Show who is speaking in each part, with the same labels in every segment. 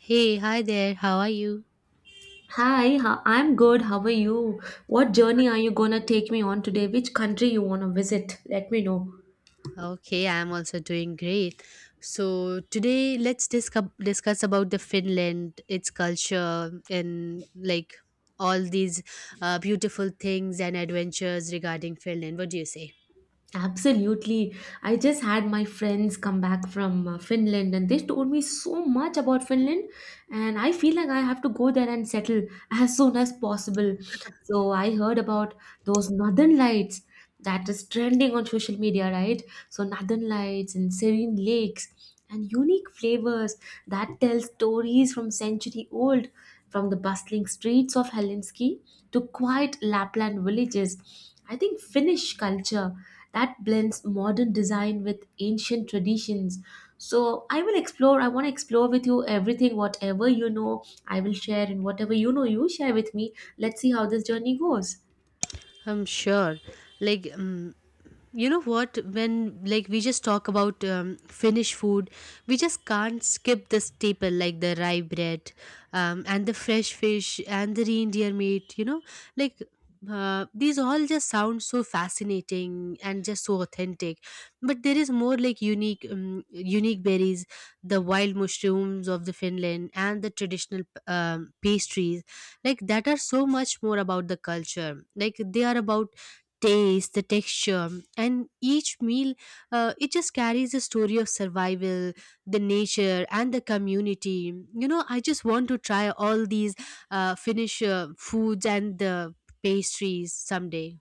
Speaker 1: Hey, hi there. How are you?
Speaker 2: Hi, I'm good. How are you? What journey are you gonna take me on today? Which country you wanna visit? Let me know.
Speaker 1: Okay, I'm also doing great. So today let's discuss about the Finland, its culture, and like all these beautiful things and adventures regarding Finland. What do you say?
Speaker 2: Absolutely. I just had my friends come back from Finland and they told me so much about Finland, and I feel like I have to go there and settle as soon as possible. So I heard about those northern lights that is trending on social media, right? So northern lights and serene lakes and unique flavors that tell stories from century old, from the bustling streets of Helsinki to quiet Lapland villages. I think Finnish culture that blends modern design with ancient traditions. So I will explore, I want to explore with you everything. Whatever you know, I will share, and whatever you know, you share with me. Let's see how this journey goes.
Speaker 1: I'm sure. Like, um, you know what, when like we just talk about finnish food, we just can't skip the staple like the rye bread, and the fresh fish and the reindeer meat like these all just sound so fascinating and just so authentic, but there is more like unique berries, the wild mushrooms of the finland, and the traditional pastries, like that are so much more about the culture, like they are about taste, the texture, and each meal, it just carries a story of survival, the nature, and the community. You know, I just want to try all these Finnish foods and the pastries someday.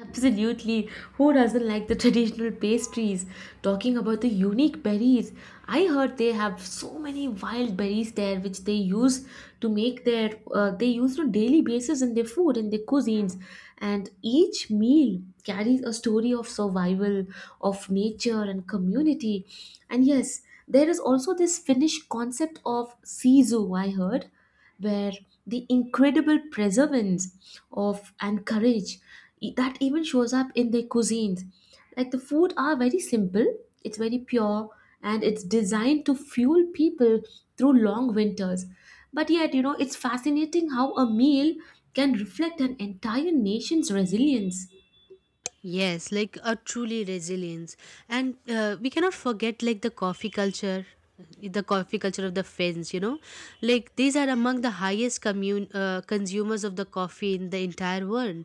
Speaker 2: Absolutely. Who doesn't like the traditional pastries? Talking about the unique berries, I heard they have so many wild berries there which they use to make their they use on daily basis in their food, in their cuisines, and each meal carries a story of survival, of nature and community. And yes, there is also this Finnish concept of sisu I heard, where the incredible preservance of and courage that even shows up in their cuisines. Like the food are very simple, it's very pure, and it's designed to fuel people through long winters. But yet, you know, it's fascinating how a meal can reflect an entire nation's resilience.
Speaker 1: Yes, like a truly resilience, and we cannot forget like the coffee culture of the Finns. You know, like these are among the highest consumers of the coffee in the entire world.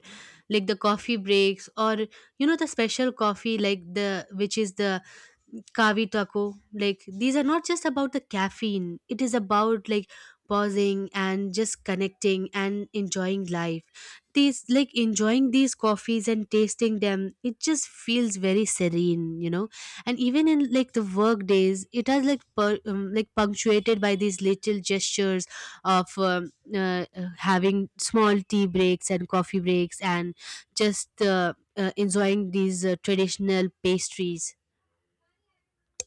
Speaker 1: Like the coffee breaks, or you know the special coffee, like the which is the kavi taco. Like these are not just about the caffeine; it is about like pausing and just connecting and enjoying life, these like enjoying these coffees and tasting them, it just feels very serene, you know. And even in like the work days, it has like like punctuated by these little gestures of having small tea breaks and coffee breaks and just enjoying these traditional pastries.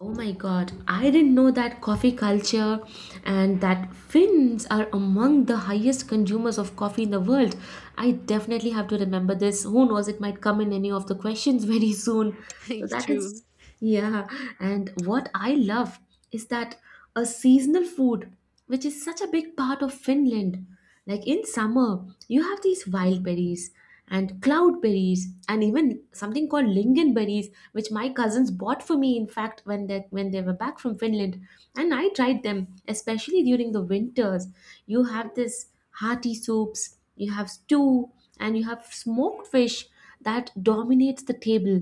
Speaker 2: Oh my god, I didn't know that coffee culture, and that Finns are among the highest consumers of coffee in the world. I definitely have to remember this. Who knows, it might come in any of the questions very soon. So that
Speaker 1: True.
Speaker 2: is, yeah. And what I love is that a seasonal food, which is such a big part of Finland. Like in summer, you have these wild berries and cloud berries and even something called lingonberries, which my cousins bought for me, in fact, when they were back from Finland. And I tried them, especially during the winters. You have this hearty soups, you have stew, and you have smoked fish that dominates the table.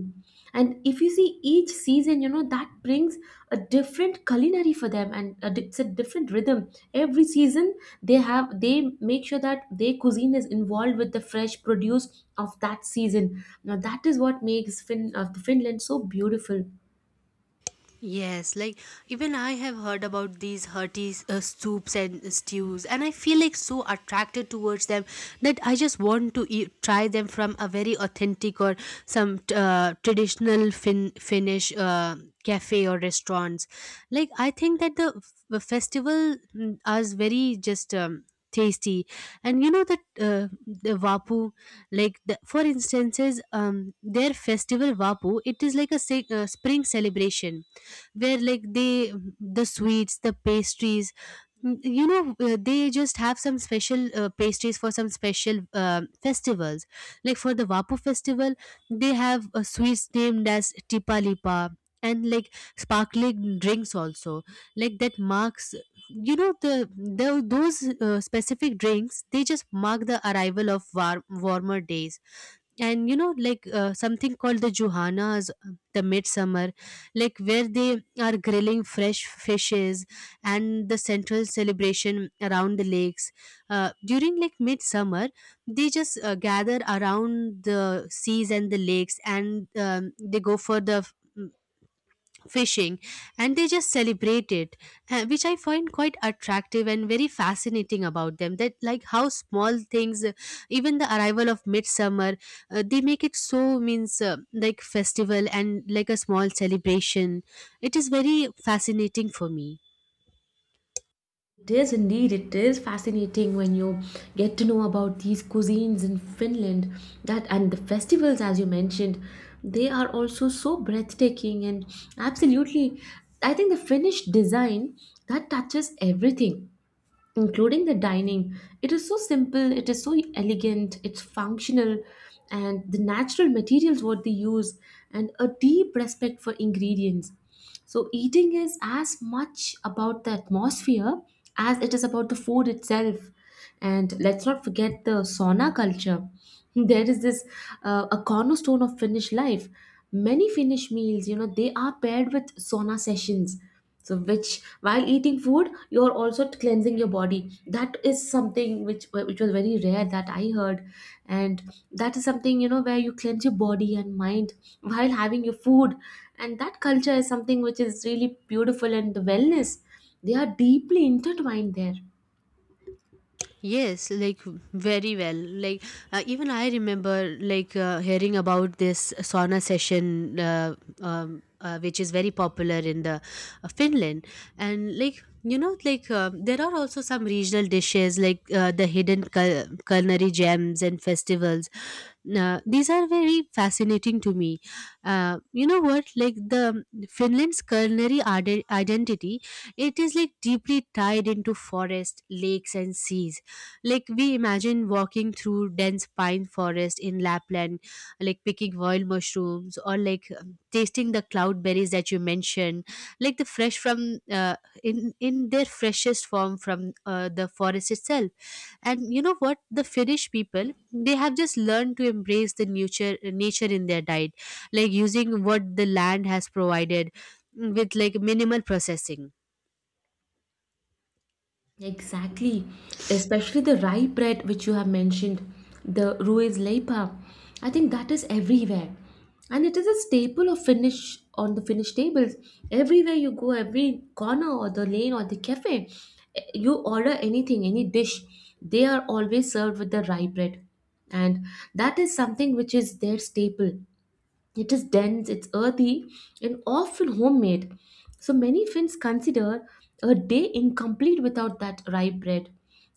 Speaker 2: And if you see, each season, you know, that brings a different culinary for them, and it's a different rhythm every season. They have, they make sure that their cuisine is involved with the fresh produce of that season. Now that is what makes of Finland so beautiful.
Speaker 1: Yes, like even I have heard about these hearty soups and stews, and I feel like so attracted towards them that I just want to eat, try them from a very authentic or some traditional Finnish cafe or restaurants. Like I think that the festival is very just. Tasty. And you know that the vapu, for instances, their festival vapu, it is like a spring celebration where like they, the sweets, the pastries, you know, they just have some special pastries for some special festivals, like for the vapu festival they have sweets named as tipa lipa, and like sparkling drinks also, like that marks, you know, the those specific drinks, they just mark the arrival of warmer days. And you know, like something called the Juhanas, the midsummer, like where they are grilling fresh fishes and the central celebration around the lakes during like midsummer. They just gather around the seas and the lakes, and they go for the fishing and they just celebrate it, which I find quite attractive and very fascinating about them, that like how small things, even the arrival of midsummer, they make it so means like festival and like a small celebration. It is very fascinating for me.
Speaker 2: It is indeed, it is fascinating when you get to know about these cuisines in Finland, that, and the festivals, as you mentioned, they are also so breathtaking. And absolutely, I think the Finnish design that touches everything, including the dining. It is so simple, it is so elegant, it's functional, and the natural materials what they use, and a deep respect for ingredients. So, eating is as much about the atmosphere as it is about the food itself. And let's not forget the sauna culture. There is this a cornerstone of Finnish life. Many Finnish meals, you know, they are paired with sauna sessions, so which, while eating food, you're also cleansing your body. That is something which was very rare that I heard. And that is something, you know, where you cleanse your body and mind while having your food. And that culture is something which is really beautiful, and the wellness, they are deeply intertwined there.
Speaker 1: Yes, like very well. Like even I remember like hearing about this sauna session, which is very popular in the Finland. And like you know, like there are also some regional dishes like the hidden culinary gems and festivals. These are very fascinating to me. You know what? Like the Finland's culinary identity, it is like deeply tied into forest, lakes, and seas. Like we imagine walking through dense pine forest in Lapland, like picking wild mushrooms or like tasting the cloudberries that you mentioned, like the fresh from in their freshest form from the forest itself. And you know what? The Finnish people, they have just learned to embrace the nature in their diet, like using what the land has provided with like minimal processing.
Speaker 2: Exactly, especially the rye bread which you have mentioned, the Ruiz Leipa. I think that is everywhere, and it is a staple of Finnish on the Finnish tables. Everywhere you go, every corner or the lane or the cafe, eh, you order anything, any dish, they are always served with the rye bread, and that is something which is their staple. It is dense, it's earthy, and often homemade. So many Finns consider a day incomplete without that rye bread.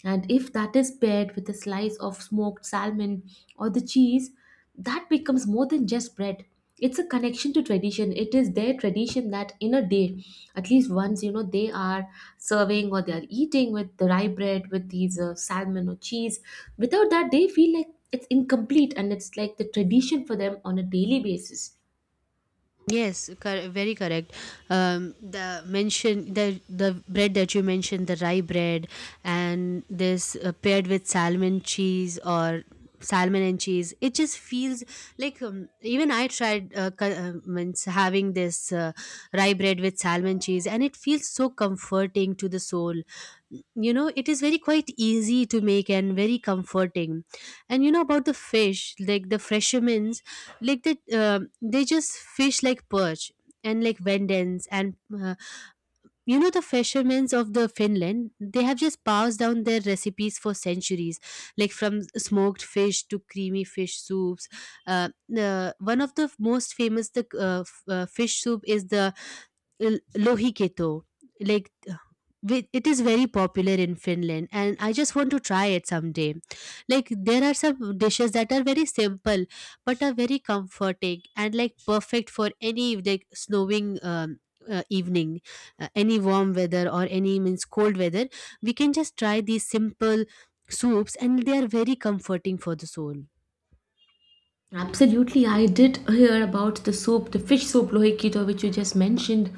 Speaker 2: And if that is paired with a slice of smoked salmon or the cheese, that becomes more than just bread. It's a connection to tradition. It is their tradition that in a day, at least once, you know, they are serving or they are eating with the rye bread with these salmon or cheese. Without that they feel like it's incomplete, and it's like the tradition for them on a daily basis.
Speaker 1: Yes, very correct. The mention, the bread that you mentioned, the rye bread, and this paired with salmon cheese or salmon and cheese, it just feels like even I tried means having this rye bread with salmon cheese, and it feels so comforting to the soul. You know, it is very quite easy to make and very comforting. And you know about the fish, like the fishermen's, like that they just fish like perch and like vendans, and uh, you know, the fishermen of the finland, they have just passed down their recipes for centuries, like from smoked fish to creamy fish soups. uh, One of the most famous, the fish soup, is the lohiketo. Like with- it is very popular in finland and I just want to try it someday. Like there are some dishes that are very simple but are very comforting and like perfect for any like snowing evening, any warm weather or any means cold weather. We can just try these simple soups and they are very comforting for the soul.
Speaker 2: Absolutely, I did hear about the soup, the fish soup lohi kito, which you just mentioned,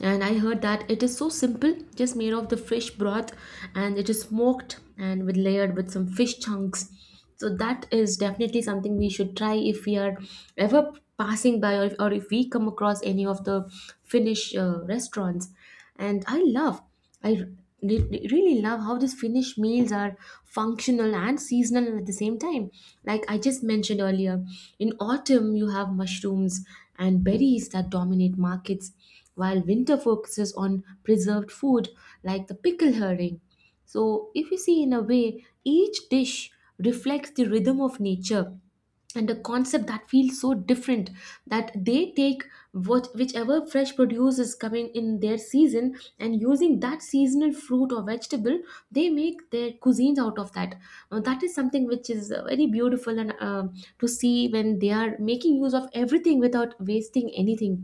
Speaker 2: and I heard that it is so simple, just made of the fish broth, and it is smoked and with layered with some fish chunks. So that is definitely something we should try if we are ever passing by, or if we come across any of the Finnish restaurants. And I love. I r- really love how these Finnish meals are functional and seasonal at the same time. Like I just mentioned earlier, in autumn you have mushrooms and berries that dominate markets, while winter focuses on preserved food like the pickle herring. So, if you see, in a way, each dish reflects the rhythm of nature, and a concept that feels so different, that they take what whichever fresh produce is coming in their season, and using that seasonal fruit or vegetable they make their cuisines out of that. Now that is something which is very beautiful, and to see when they are making use of everything without wasting anything.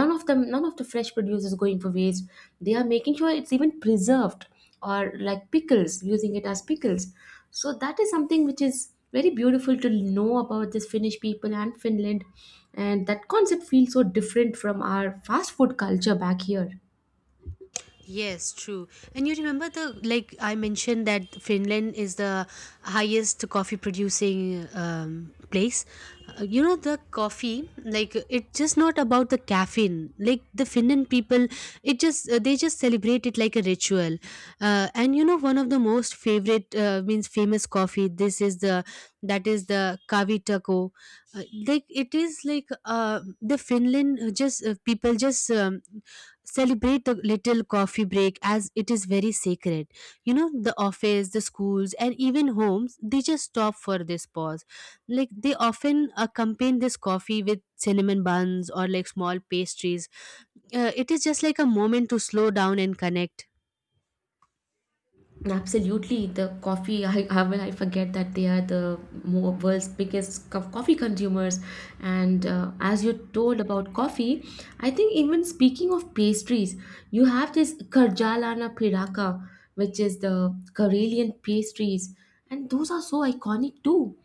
Speaker 2: None of the fresh produce is going for waste. They are making sure it's even preserved, or like pickles, using it as pickles. So that is something which is very beautiful to know about this Finnish people and Finland. And that concept feels so different from our fast food culture back here.
Speaker 1: Yes, true. And you remember the, like I mentioned, that Finland is the highest coffee producing place. You know, the coffee like, it's just not about the caffeine. Like the Finland people, it just they just celebrate it like a ritual. And you know, one of the most favorite means famous coffee, this is the, that is the Kavitako. Like, it is like the Finland just people just celebrate the little coffee break as it is very sacred. You know, the office, the schools, and even homes, they just stop for this pause. Like they often accompany this coffee with cinnamon buns or like small pastries. It is just like a moment to slow down and connect.
Speaker 2: Absolutely, the coffee. I will. I forget that they are the mo world's biggest coffee consumers. And as you told about coffee, I think even speaking of pastries, you have this Karjalana Piraka, which is the Karelian pastries, and those are so iconic too.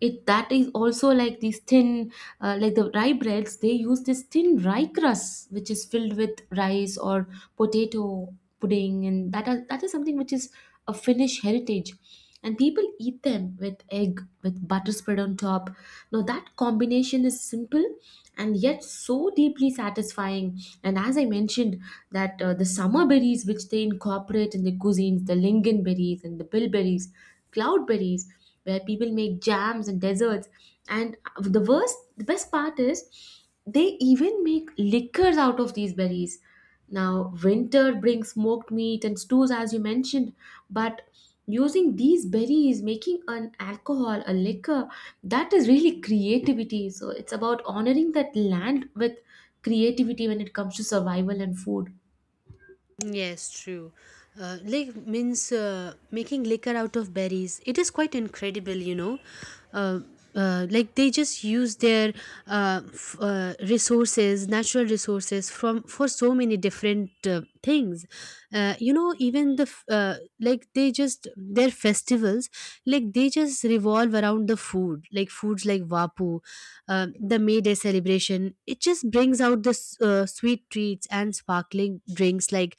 Speaker 2: It, that is also like these thin like the rye breads, they use this thin rye crust which is filled with rice or potato pudding. And that is something which is a Finnish heritage, and people eat them with egg with butter spread on top. Now that combination is simple and yet so deeply satisfying. And as I mentioned, that the summer berries which they incorporate in the cuisines, the lingonberries and the bilberries, cloudberries, where people make jams and desserts. And the best part is they even make liquors out of these berries. Now, winter brings smoked meat and stews, as you mentioned, but using these berries, making an alcohol, a liquor, that is really creativity. So, it's about honoring that land with creativity when it comes to survival and food.
Speaker 1: Yes, true. Like means making liquor out of berries. It is quite incredible, you know. Uh, like they just use their resources, natural resources from, for so many different things. You know, even the like they just their festivals, like they just revolve around the food, like foods like vapu, the May Day celebration. It just brings out the sweet treats and sparkling drinks like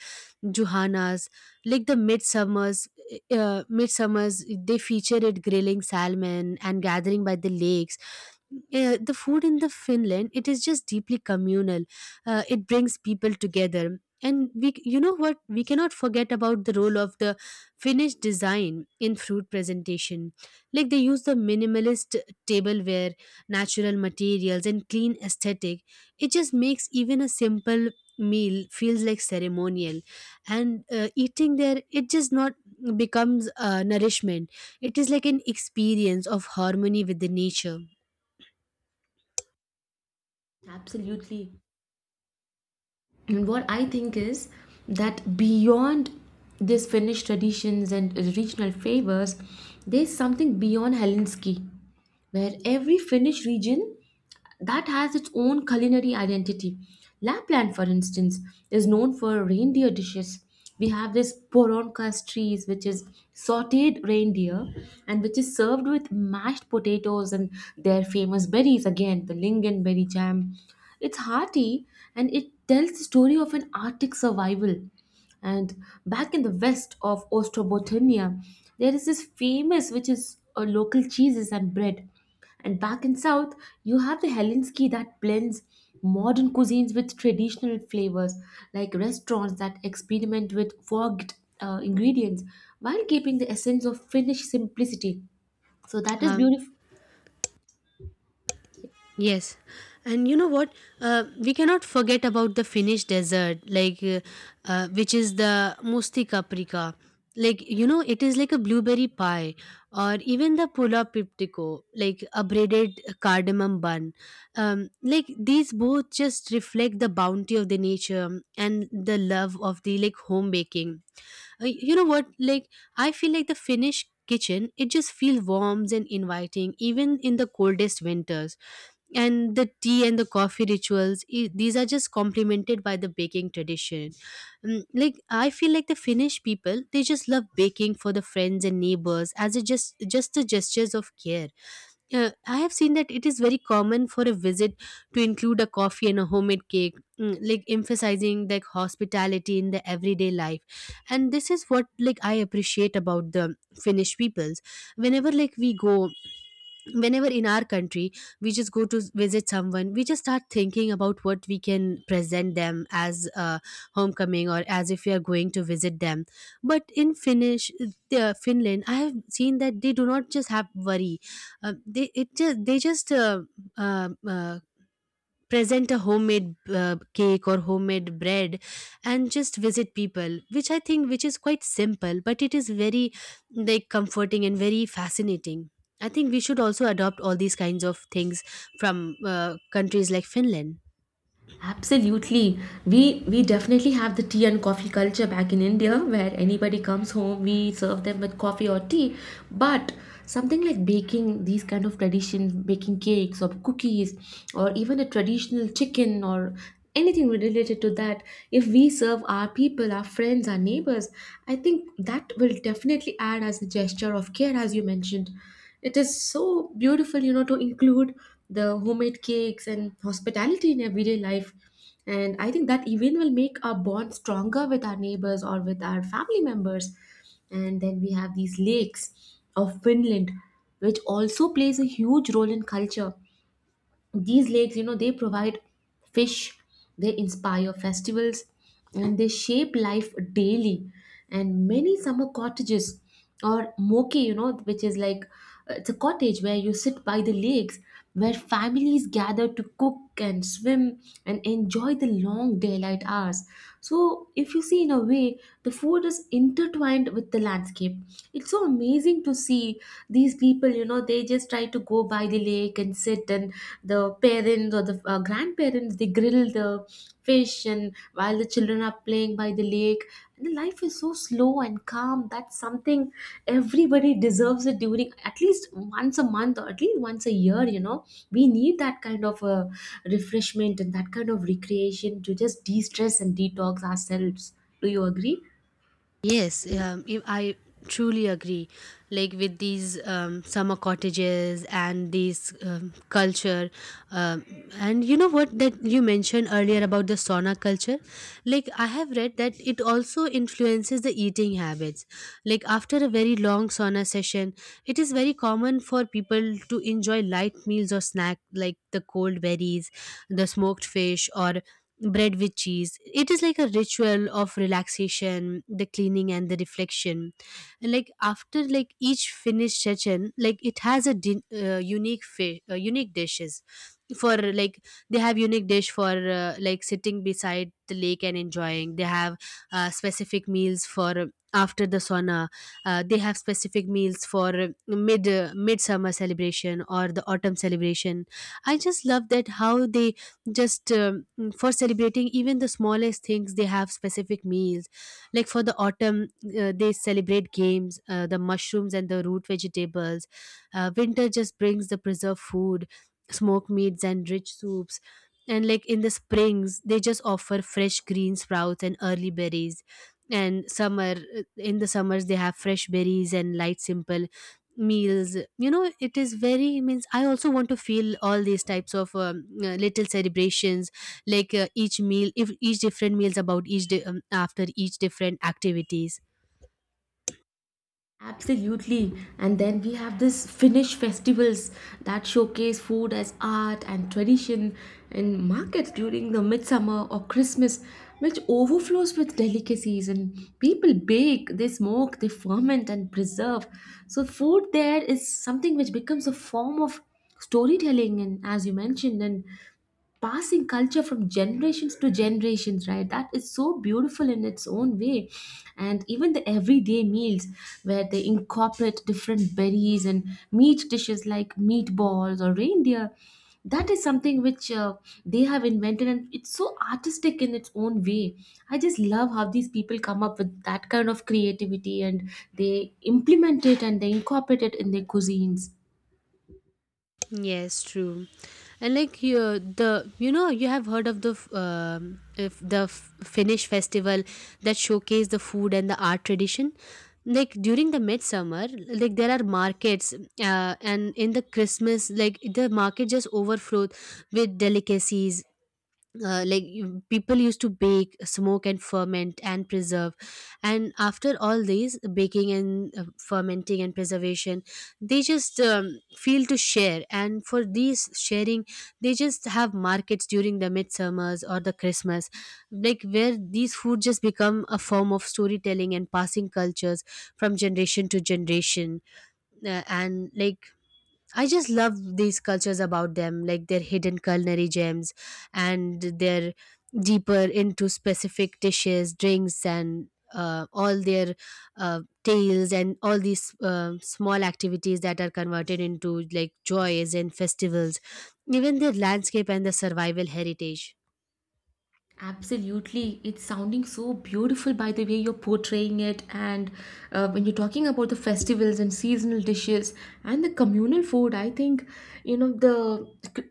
Speaker 1: Johanna's, like the midsummers. Midsummers, they feature it grilling salmon and gathering by the lakes. The food in the Finland, it is just deeply communal. It brings people together. And we, you know what, we cannot forget about the role of the Finnish design in fruit presentation. Like they use the minimalist tableware, natural materials, and clean aesthetic. It just makes even a simple meal feels like ceremonial. And eating there, it just not becomes nourishment, it is like an experience of harmony with the nature.
Speaker 2: Absolutely. And what I think is that beyond these Finnish traditions and regional flavors, there's something beyond Helsinki, where every Finnish region that has its own culinary identity. Lapland, for instance, is known for reindeer dishes. We have this poronkas trees, which is sauteed reindeer and which is served with mashed potatoes and their famous berries, again, the lingonberry jam. It's hearty, and it tells the story of an Arctic survival. And back in the west of Ostrobothnia, there is this famous, which is a local cheeses and bread. And back in South, you have the Helsinki that blends modern cuisines with traditional flavors, like restaurants that experiment with forked ingredients while keeping the essence of Finnish simplicity. So that is
Speaker 1: um,
Speaker 2: beautiful.
Speaker 1: Yes, and you know what? We cannot forget about the Finnish desert, like which is the musti paprika. Like you know, it is like a blueberry pie, or even the pula piptico, like a braided cardamom bun. Like these both just reflect the bounty of the nature and the love of the like home baking. You know what? Like, I feel like the Finnish kitchen, it just feels warm and inviting, even in the coldest winters. And the tea and the coffee rituals, these are just complemented by the baking tradition. Like I feel like the finnish people, they just love baking for the friends and neighbors as a just the gestures of care. I have seen that it is very common for a visit to include a coffee and a homemade cake, like emphasizing like hospitality in the everyday life. And this is what like I appreciate about the Finnish peoples. Whenever like we go, whenever in our country we just go to visit someone, we just start thinking about what we can present them as a homecoming or as if we are going to visit them. But in finnish finland, I have seen that they do not just have worry, they, it just they just uh, uh, present a homemade cake or homemade bread and just visit people, which I think which is quite simple, but it is very like comforting and very fascinating. I think we should also adopt all these kinds of things from countries like finland.
Speaker 2: Absolutely. We definitely have the tea and coffee culture back in India, where anybody comes home, we serve them with coffee or tea. But something like baking these kind of traditions, baking cakes or cookies, or even a traditional chicken or anything related to that, if we serve our people, our friends, our neighbors, I think that will definitely add as a gesture of care. As you mentioned, it is so beautiful to include the homemade cakes and hospitality in everyday life. And I think that even will make our bond stronger with our neighbors or with our family members. And then we have these lakes of Finland, which also plays a huge role in culture. These lakes, they provide fish, they inspire festivals, and they shape life daily. And many summer cottages, or moke, which is like it's a cottage where you sit by the lakes, where families gather to cook and swim and enjoy the long daylight hours. So if you see, in a way the food is intertwined with the landscape. It's so amazing to see these people, they just try to go by the lake and sit, and the parents or the grandparents, they grill the fish, and while the children are playing by the lake. And the life is so slow and calm, that's something everybody deserves it, during at least once a month or at least once a year. We need that kind of refreshment and that kind of recreation to just de-stress and detox ourselves. Do you agree?
Speaker 1: Yes, I truly agree. Like with these summer cottages and these culture, um, and you know what that you mentioned earlier about the sauna culture. Like I have read that it also influences the eating habits. Like after a very long sauna session, it is very common for people to enjoy light meals or snack like the cold berries, the smoked fish, or bread with cheese. It is like a ritual of relaxation, the cleaning and the reflection. And like after like each finished session, like it has a unique unique dishes for like they have unique dish for like sitting beside the lake and enjoying they have specific meals for after the sauna they have specific meals for midsummer celebration or the autumn celebration. I just love that how they just for celebrating even the smallest things they have specific meals like for the autumn. They celebrate games, the mushrooms and the root vegetables. Winter just brings the preserved food, smoked meats and rich soups. And like in the springs, they just offer fresh green sprouts and early berries. And summer, in the summers, they have fresh berries and light, simple meals. You know, it is very means. I also want to feel all these types of little celebrations, like each meal, if each different meals about each after each different activities.
Speaker 2: Absolutely. And then we have this Finnish festivals that showcase food as art and tradition in markets during the midsummer or Christmas, which overflows with delicacies, and people bake, they smoke, they ferment and preserve. So food there is something which becomes a form of storytelling, and as you mentioned, and passing culture from generations to generations, right? That is so beautiful in its own way. And even the everyday meals, where they incorporate different berries and meat dishes like meatballs or reindeer, that is something which they have invented, and it's so artistic in its own way. I just love how these people come up with that kind of creativity, and they implement it and they incorporate it in their cuisines.
Speaker 1: Yes, true. And like you, the you know you have heard of the f- if the f- Finnish festival that showcase the food and the art tradition. Like during the midsummer, like there are markets, and in the Christmas, like the market just overflowed with delicacies, like people used to bake, smoke, and ferment and preserve, and after all these baking and fermenting and preservation they just feel to share, and for these sharing they just have markets during the midsummers or the Christmas, like where these food just become a form of storytelling and passing cultures from generation to generation. And like I just love these cultures about them, like their hidden culinary gems and their deeper into specific dishes, drinks, and all their tales and all these small activities that are converted into like joys and festivals, even their landscape and the survival heritage.
Speaker 2: Absolutely. It's sounding so beautiful by the way you're portraying it. And when you're talking about the festivals and seasonal dishes and the communal food, I think, you know, the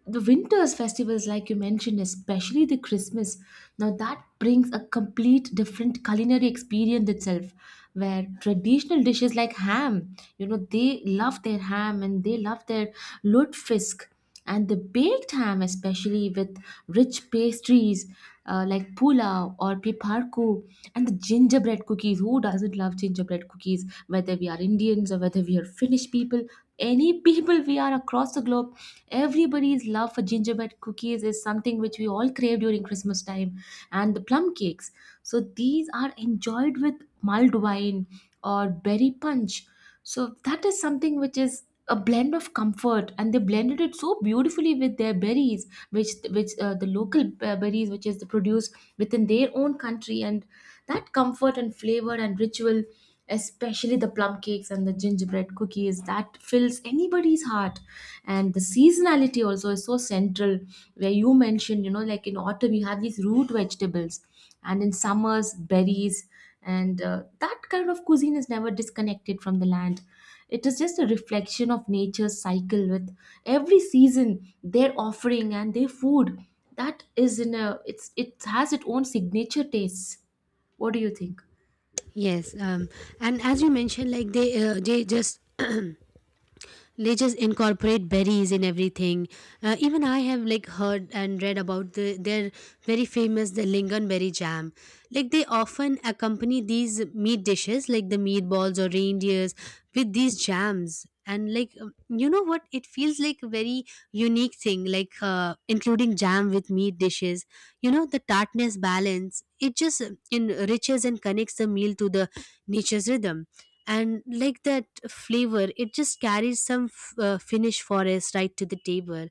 Speaker 2: winter's festivals, like you mentioned, especially the Christmas, now that brings a complete different culinary experience itself, where traditional dishes like ham, you know, they love their ham and they love their lutefisk and the baked ham, especially with rich pastries, like pulao or piparku and the gingerbread cookies. Who doesn't love gingerbread cookies? Whether we are Indians or whether we are Finnish people, any people we are across the globe, everybody's love for gingerbread cookies is something which we all crave during Christmas time. And the plum cakes. So these are enjoyed with mulled wine or berry punch. So that is something which is a blend of comfort, and they blended it so beautifully with their berries, which the local berries which is produced within their own country, and that comfort and flavor and ritual, especially the plum cakes and the gingerbread cookies, that fills anybody's heart. And the seasonality also is so central, where you mentioned, you know, like in autumn you have these root vegetables, and in summers berries, and that kind of cuisine is never disconnected from the land. It is just a reflection of nature's cycle, with every season their offering and their food, that is in a it has its own signature tastes. What do you think?
Speaker 1: Yes, and as you mentioned, like they just they just incorporate berries in everything. Even I have like heard and read about the their very famous the lingonberry jam. Like they often accompany these meat dishes like the meatballs or reindeers with these jams. And like you know what, it feels like a very unique thing. Like including jam with meat dishes. You know the tartness balance. It just enriches and connects the meal to the nature's rhythm, and like that flavor it just carries some Finnish forest right to the table.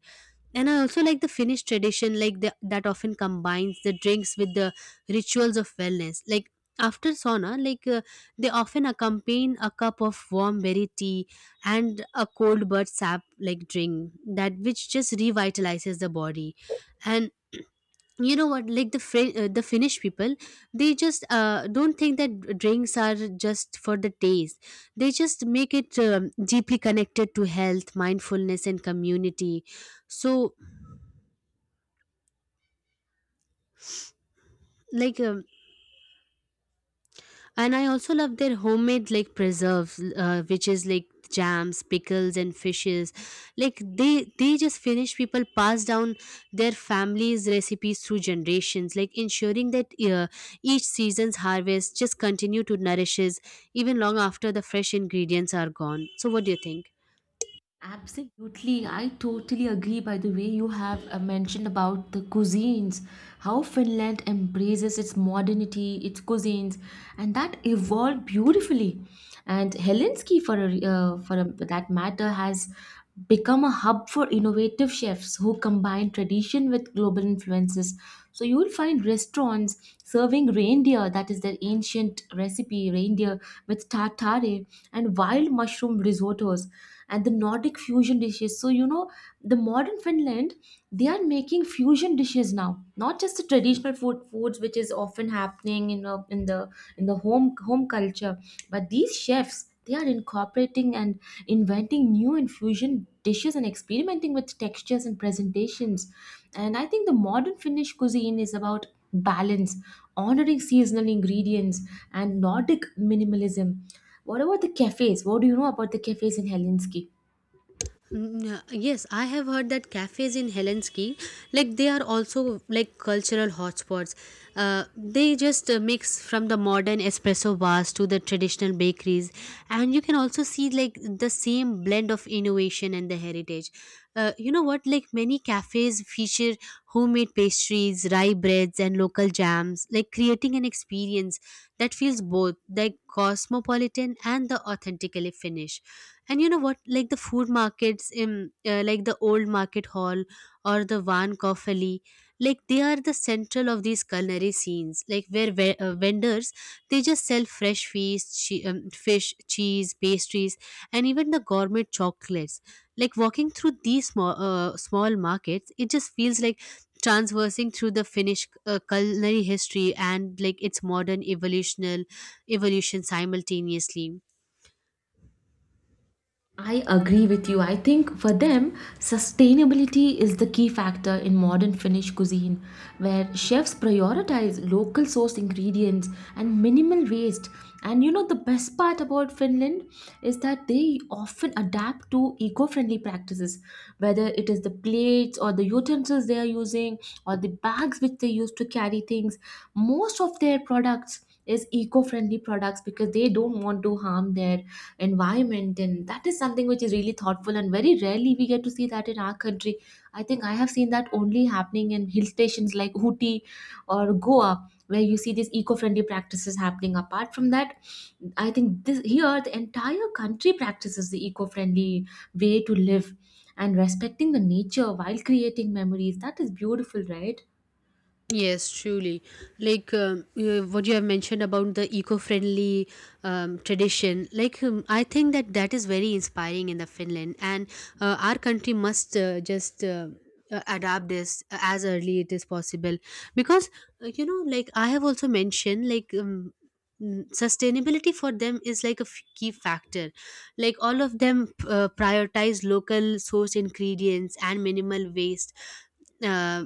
Speaker 1: And I also like the Finnish tradition, like the, that often combines the drinks with the rituals of wellness, like after sauna, like they often accompany a cup of warm berry tea and a cold bird sap like drink that which just revitalizes the body. And you know what, like the the Finnish people, they just don't think that drinks are just for the taste, they just make it deeply connected to health, mindfulness and community. So like and I also love their homemade like preserves, which is like jams, pickles and fishes. Like they just finish people pass down their families recipes through generations, like ensuring that each season's harvest just continue to nourishes even long after the fresh ingredients are gone. So what do you think?
Speaker 2: Absolutely, I totally agree. By the way, you have mentioned about the cuisines, how Finland embraces its modernity, its cuisines, and that evolved beautifully. And Helsinki, for a, that matter, has become a hub for innovative chefs who combine tradition with global influences. So you will find restaurants serving reindeer, that is their ancient recipe, reindeer with tartare and wild mushroom risottos and the Nordic fusion dishes. So you know, the modern Finland, they are making fusion dishes now, not just the traditional foods, which is often happening in the in the home culture, but these chefs, they are incorporating and inventing new infusion dishes and experimenting with textures and presentations. And I think the modern Finnish cuisine is about balance, honoring seasonal ingredients, and Nordic minimalism. What about the cafes? What do you know about the cafes in Helsinki?
Speaker 1: Mm, yeah. Yes, I have heard that cafes in Helsinki, like they are also like cultural hotspots. They just Mix from the modern espresso bars to the traditional bakeries, and you can also see like the same blend of innovation and the heritage. You know what? Like many cafes feature homemade pastries, rye breads, and local jams, like creating an experience that feels both like cosmopolitan and the authentically Finnish. And you know what, like the food markets in, like the old market hall or the van Koff alley, like they are the central of these culinary scenes, like where vendors they just sell fresh fish, fish, cheese, pastries and even the gourmet chocolates. Like walking through these small markets it just feels like transversing through the Finnish culinary history and like its modern evolution simultaneously.
Speaker 2: I agree with you. I think for them, sustainability is the key factor in modern Finnish cuisine, where chefs prioritize local sourced ingredients and minimal waste. And you know, the best part about Finland is that they often adapt to eco friendly practices, whether it is the plates or the utensils they are using, or the bags which they use to carry things. Most of their products is eco friendly products because they don't want to harm their environment, and that is something which is really thoughtful, and very rarely we get to see that in our country. I think I have seen that only happening in hill stations like Ooty or Goa, where you see these eco-friendly practices happening. Apart from that, I think this here the entire country practices the eco-friendly way to live, and respecting the nature while creating memories, that is beautiful, right?
Speaker 1: Yes, truly. Like what you have mentioned about the eco-friendly tradition, like I think that is very inspiring in the Finland, and our country must just adapt this as early it is possible, because you know, like I have also mentioned, like. Sustainability for them is like a key factor, like all of them prioritize local source ingredients and minimal waste, uh,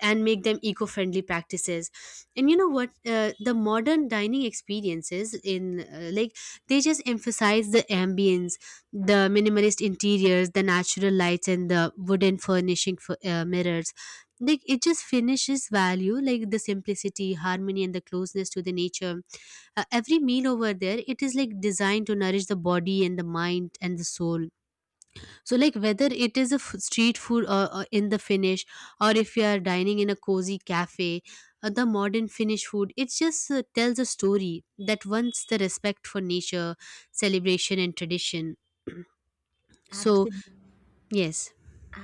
Speaker 1: and make them eco-friendly practices. And you know what, the modern dining experiences in, like, they just emphasize the ambience, the minimalist interiors, the natural lights and the wooden furnishing for mirrors. Like it just finishes value like the simplicity, harmony and the closeness to the nature. Every meal over there it is like designed to nourish the body and the mind and the soul. So like whether it is a street food or in the Finnish, or if you are dining in a cozy cafe, the modern Finnish food it just tells a story that once the respect for nature, celebration and tradition. So
Speaker 2: Absolutely.
Speaker 1: yes.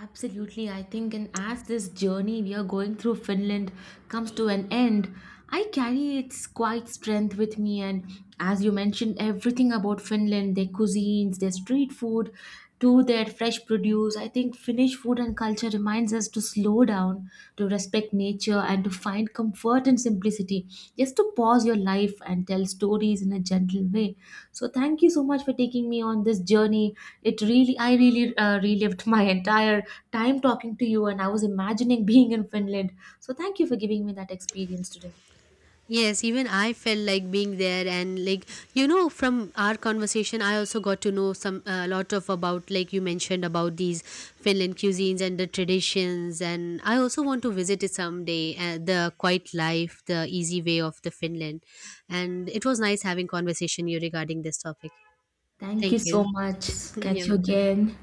Speaker 2: Absolutely, I think, and as this journey we are going through Finland comes to an end, I carry its quiet strength with me. And as you mentioned, everything about Finland, their cuisines, their street food, to their fresh produce, I think Finnish food and culture reminds us to slow down, to respect nature, and to find comfort in simplicity. Just to pause your life and tell stories in a gentle way. So thank you so much for taking me on this journey. It really, I really relived my entire time talking to you, and I was imagining being in Finland. So thank you for giving me that experience today.
Speaker 1: Yes, even I felt like being there, and like you know, from our conversation, I also got to know some a lot of about, like you mentioned about these Finland cuisines and the traditions, and I also want to visit it someday. The quiet life, the easy way of the Finland, and it was nice having conversation you regarding this topic.
Speaker 2: Thank you
Speaker 1: Thank
Speaker 2: so
Speaker 1: you.
Speaker 2: much. Catch
Speaker 1: You're
Speaker 2: you
Speaker 1: welcome.
Speaker 2: again.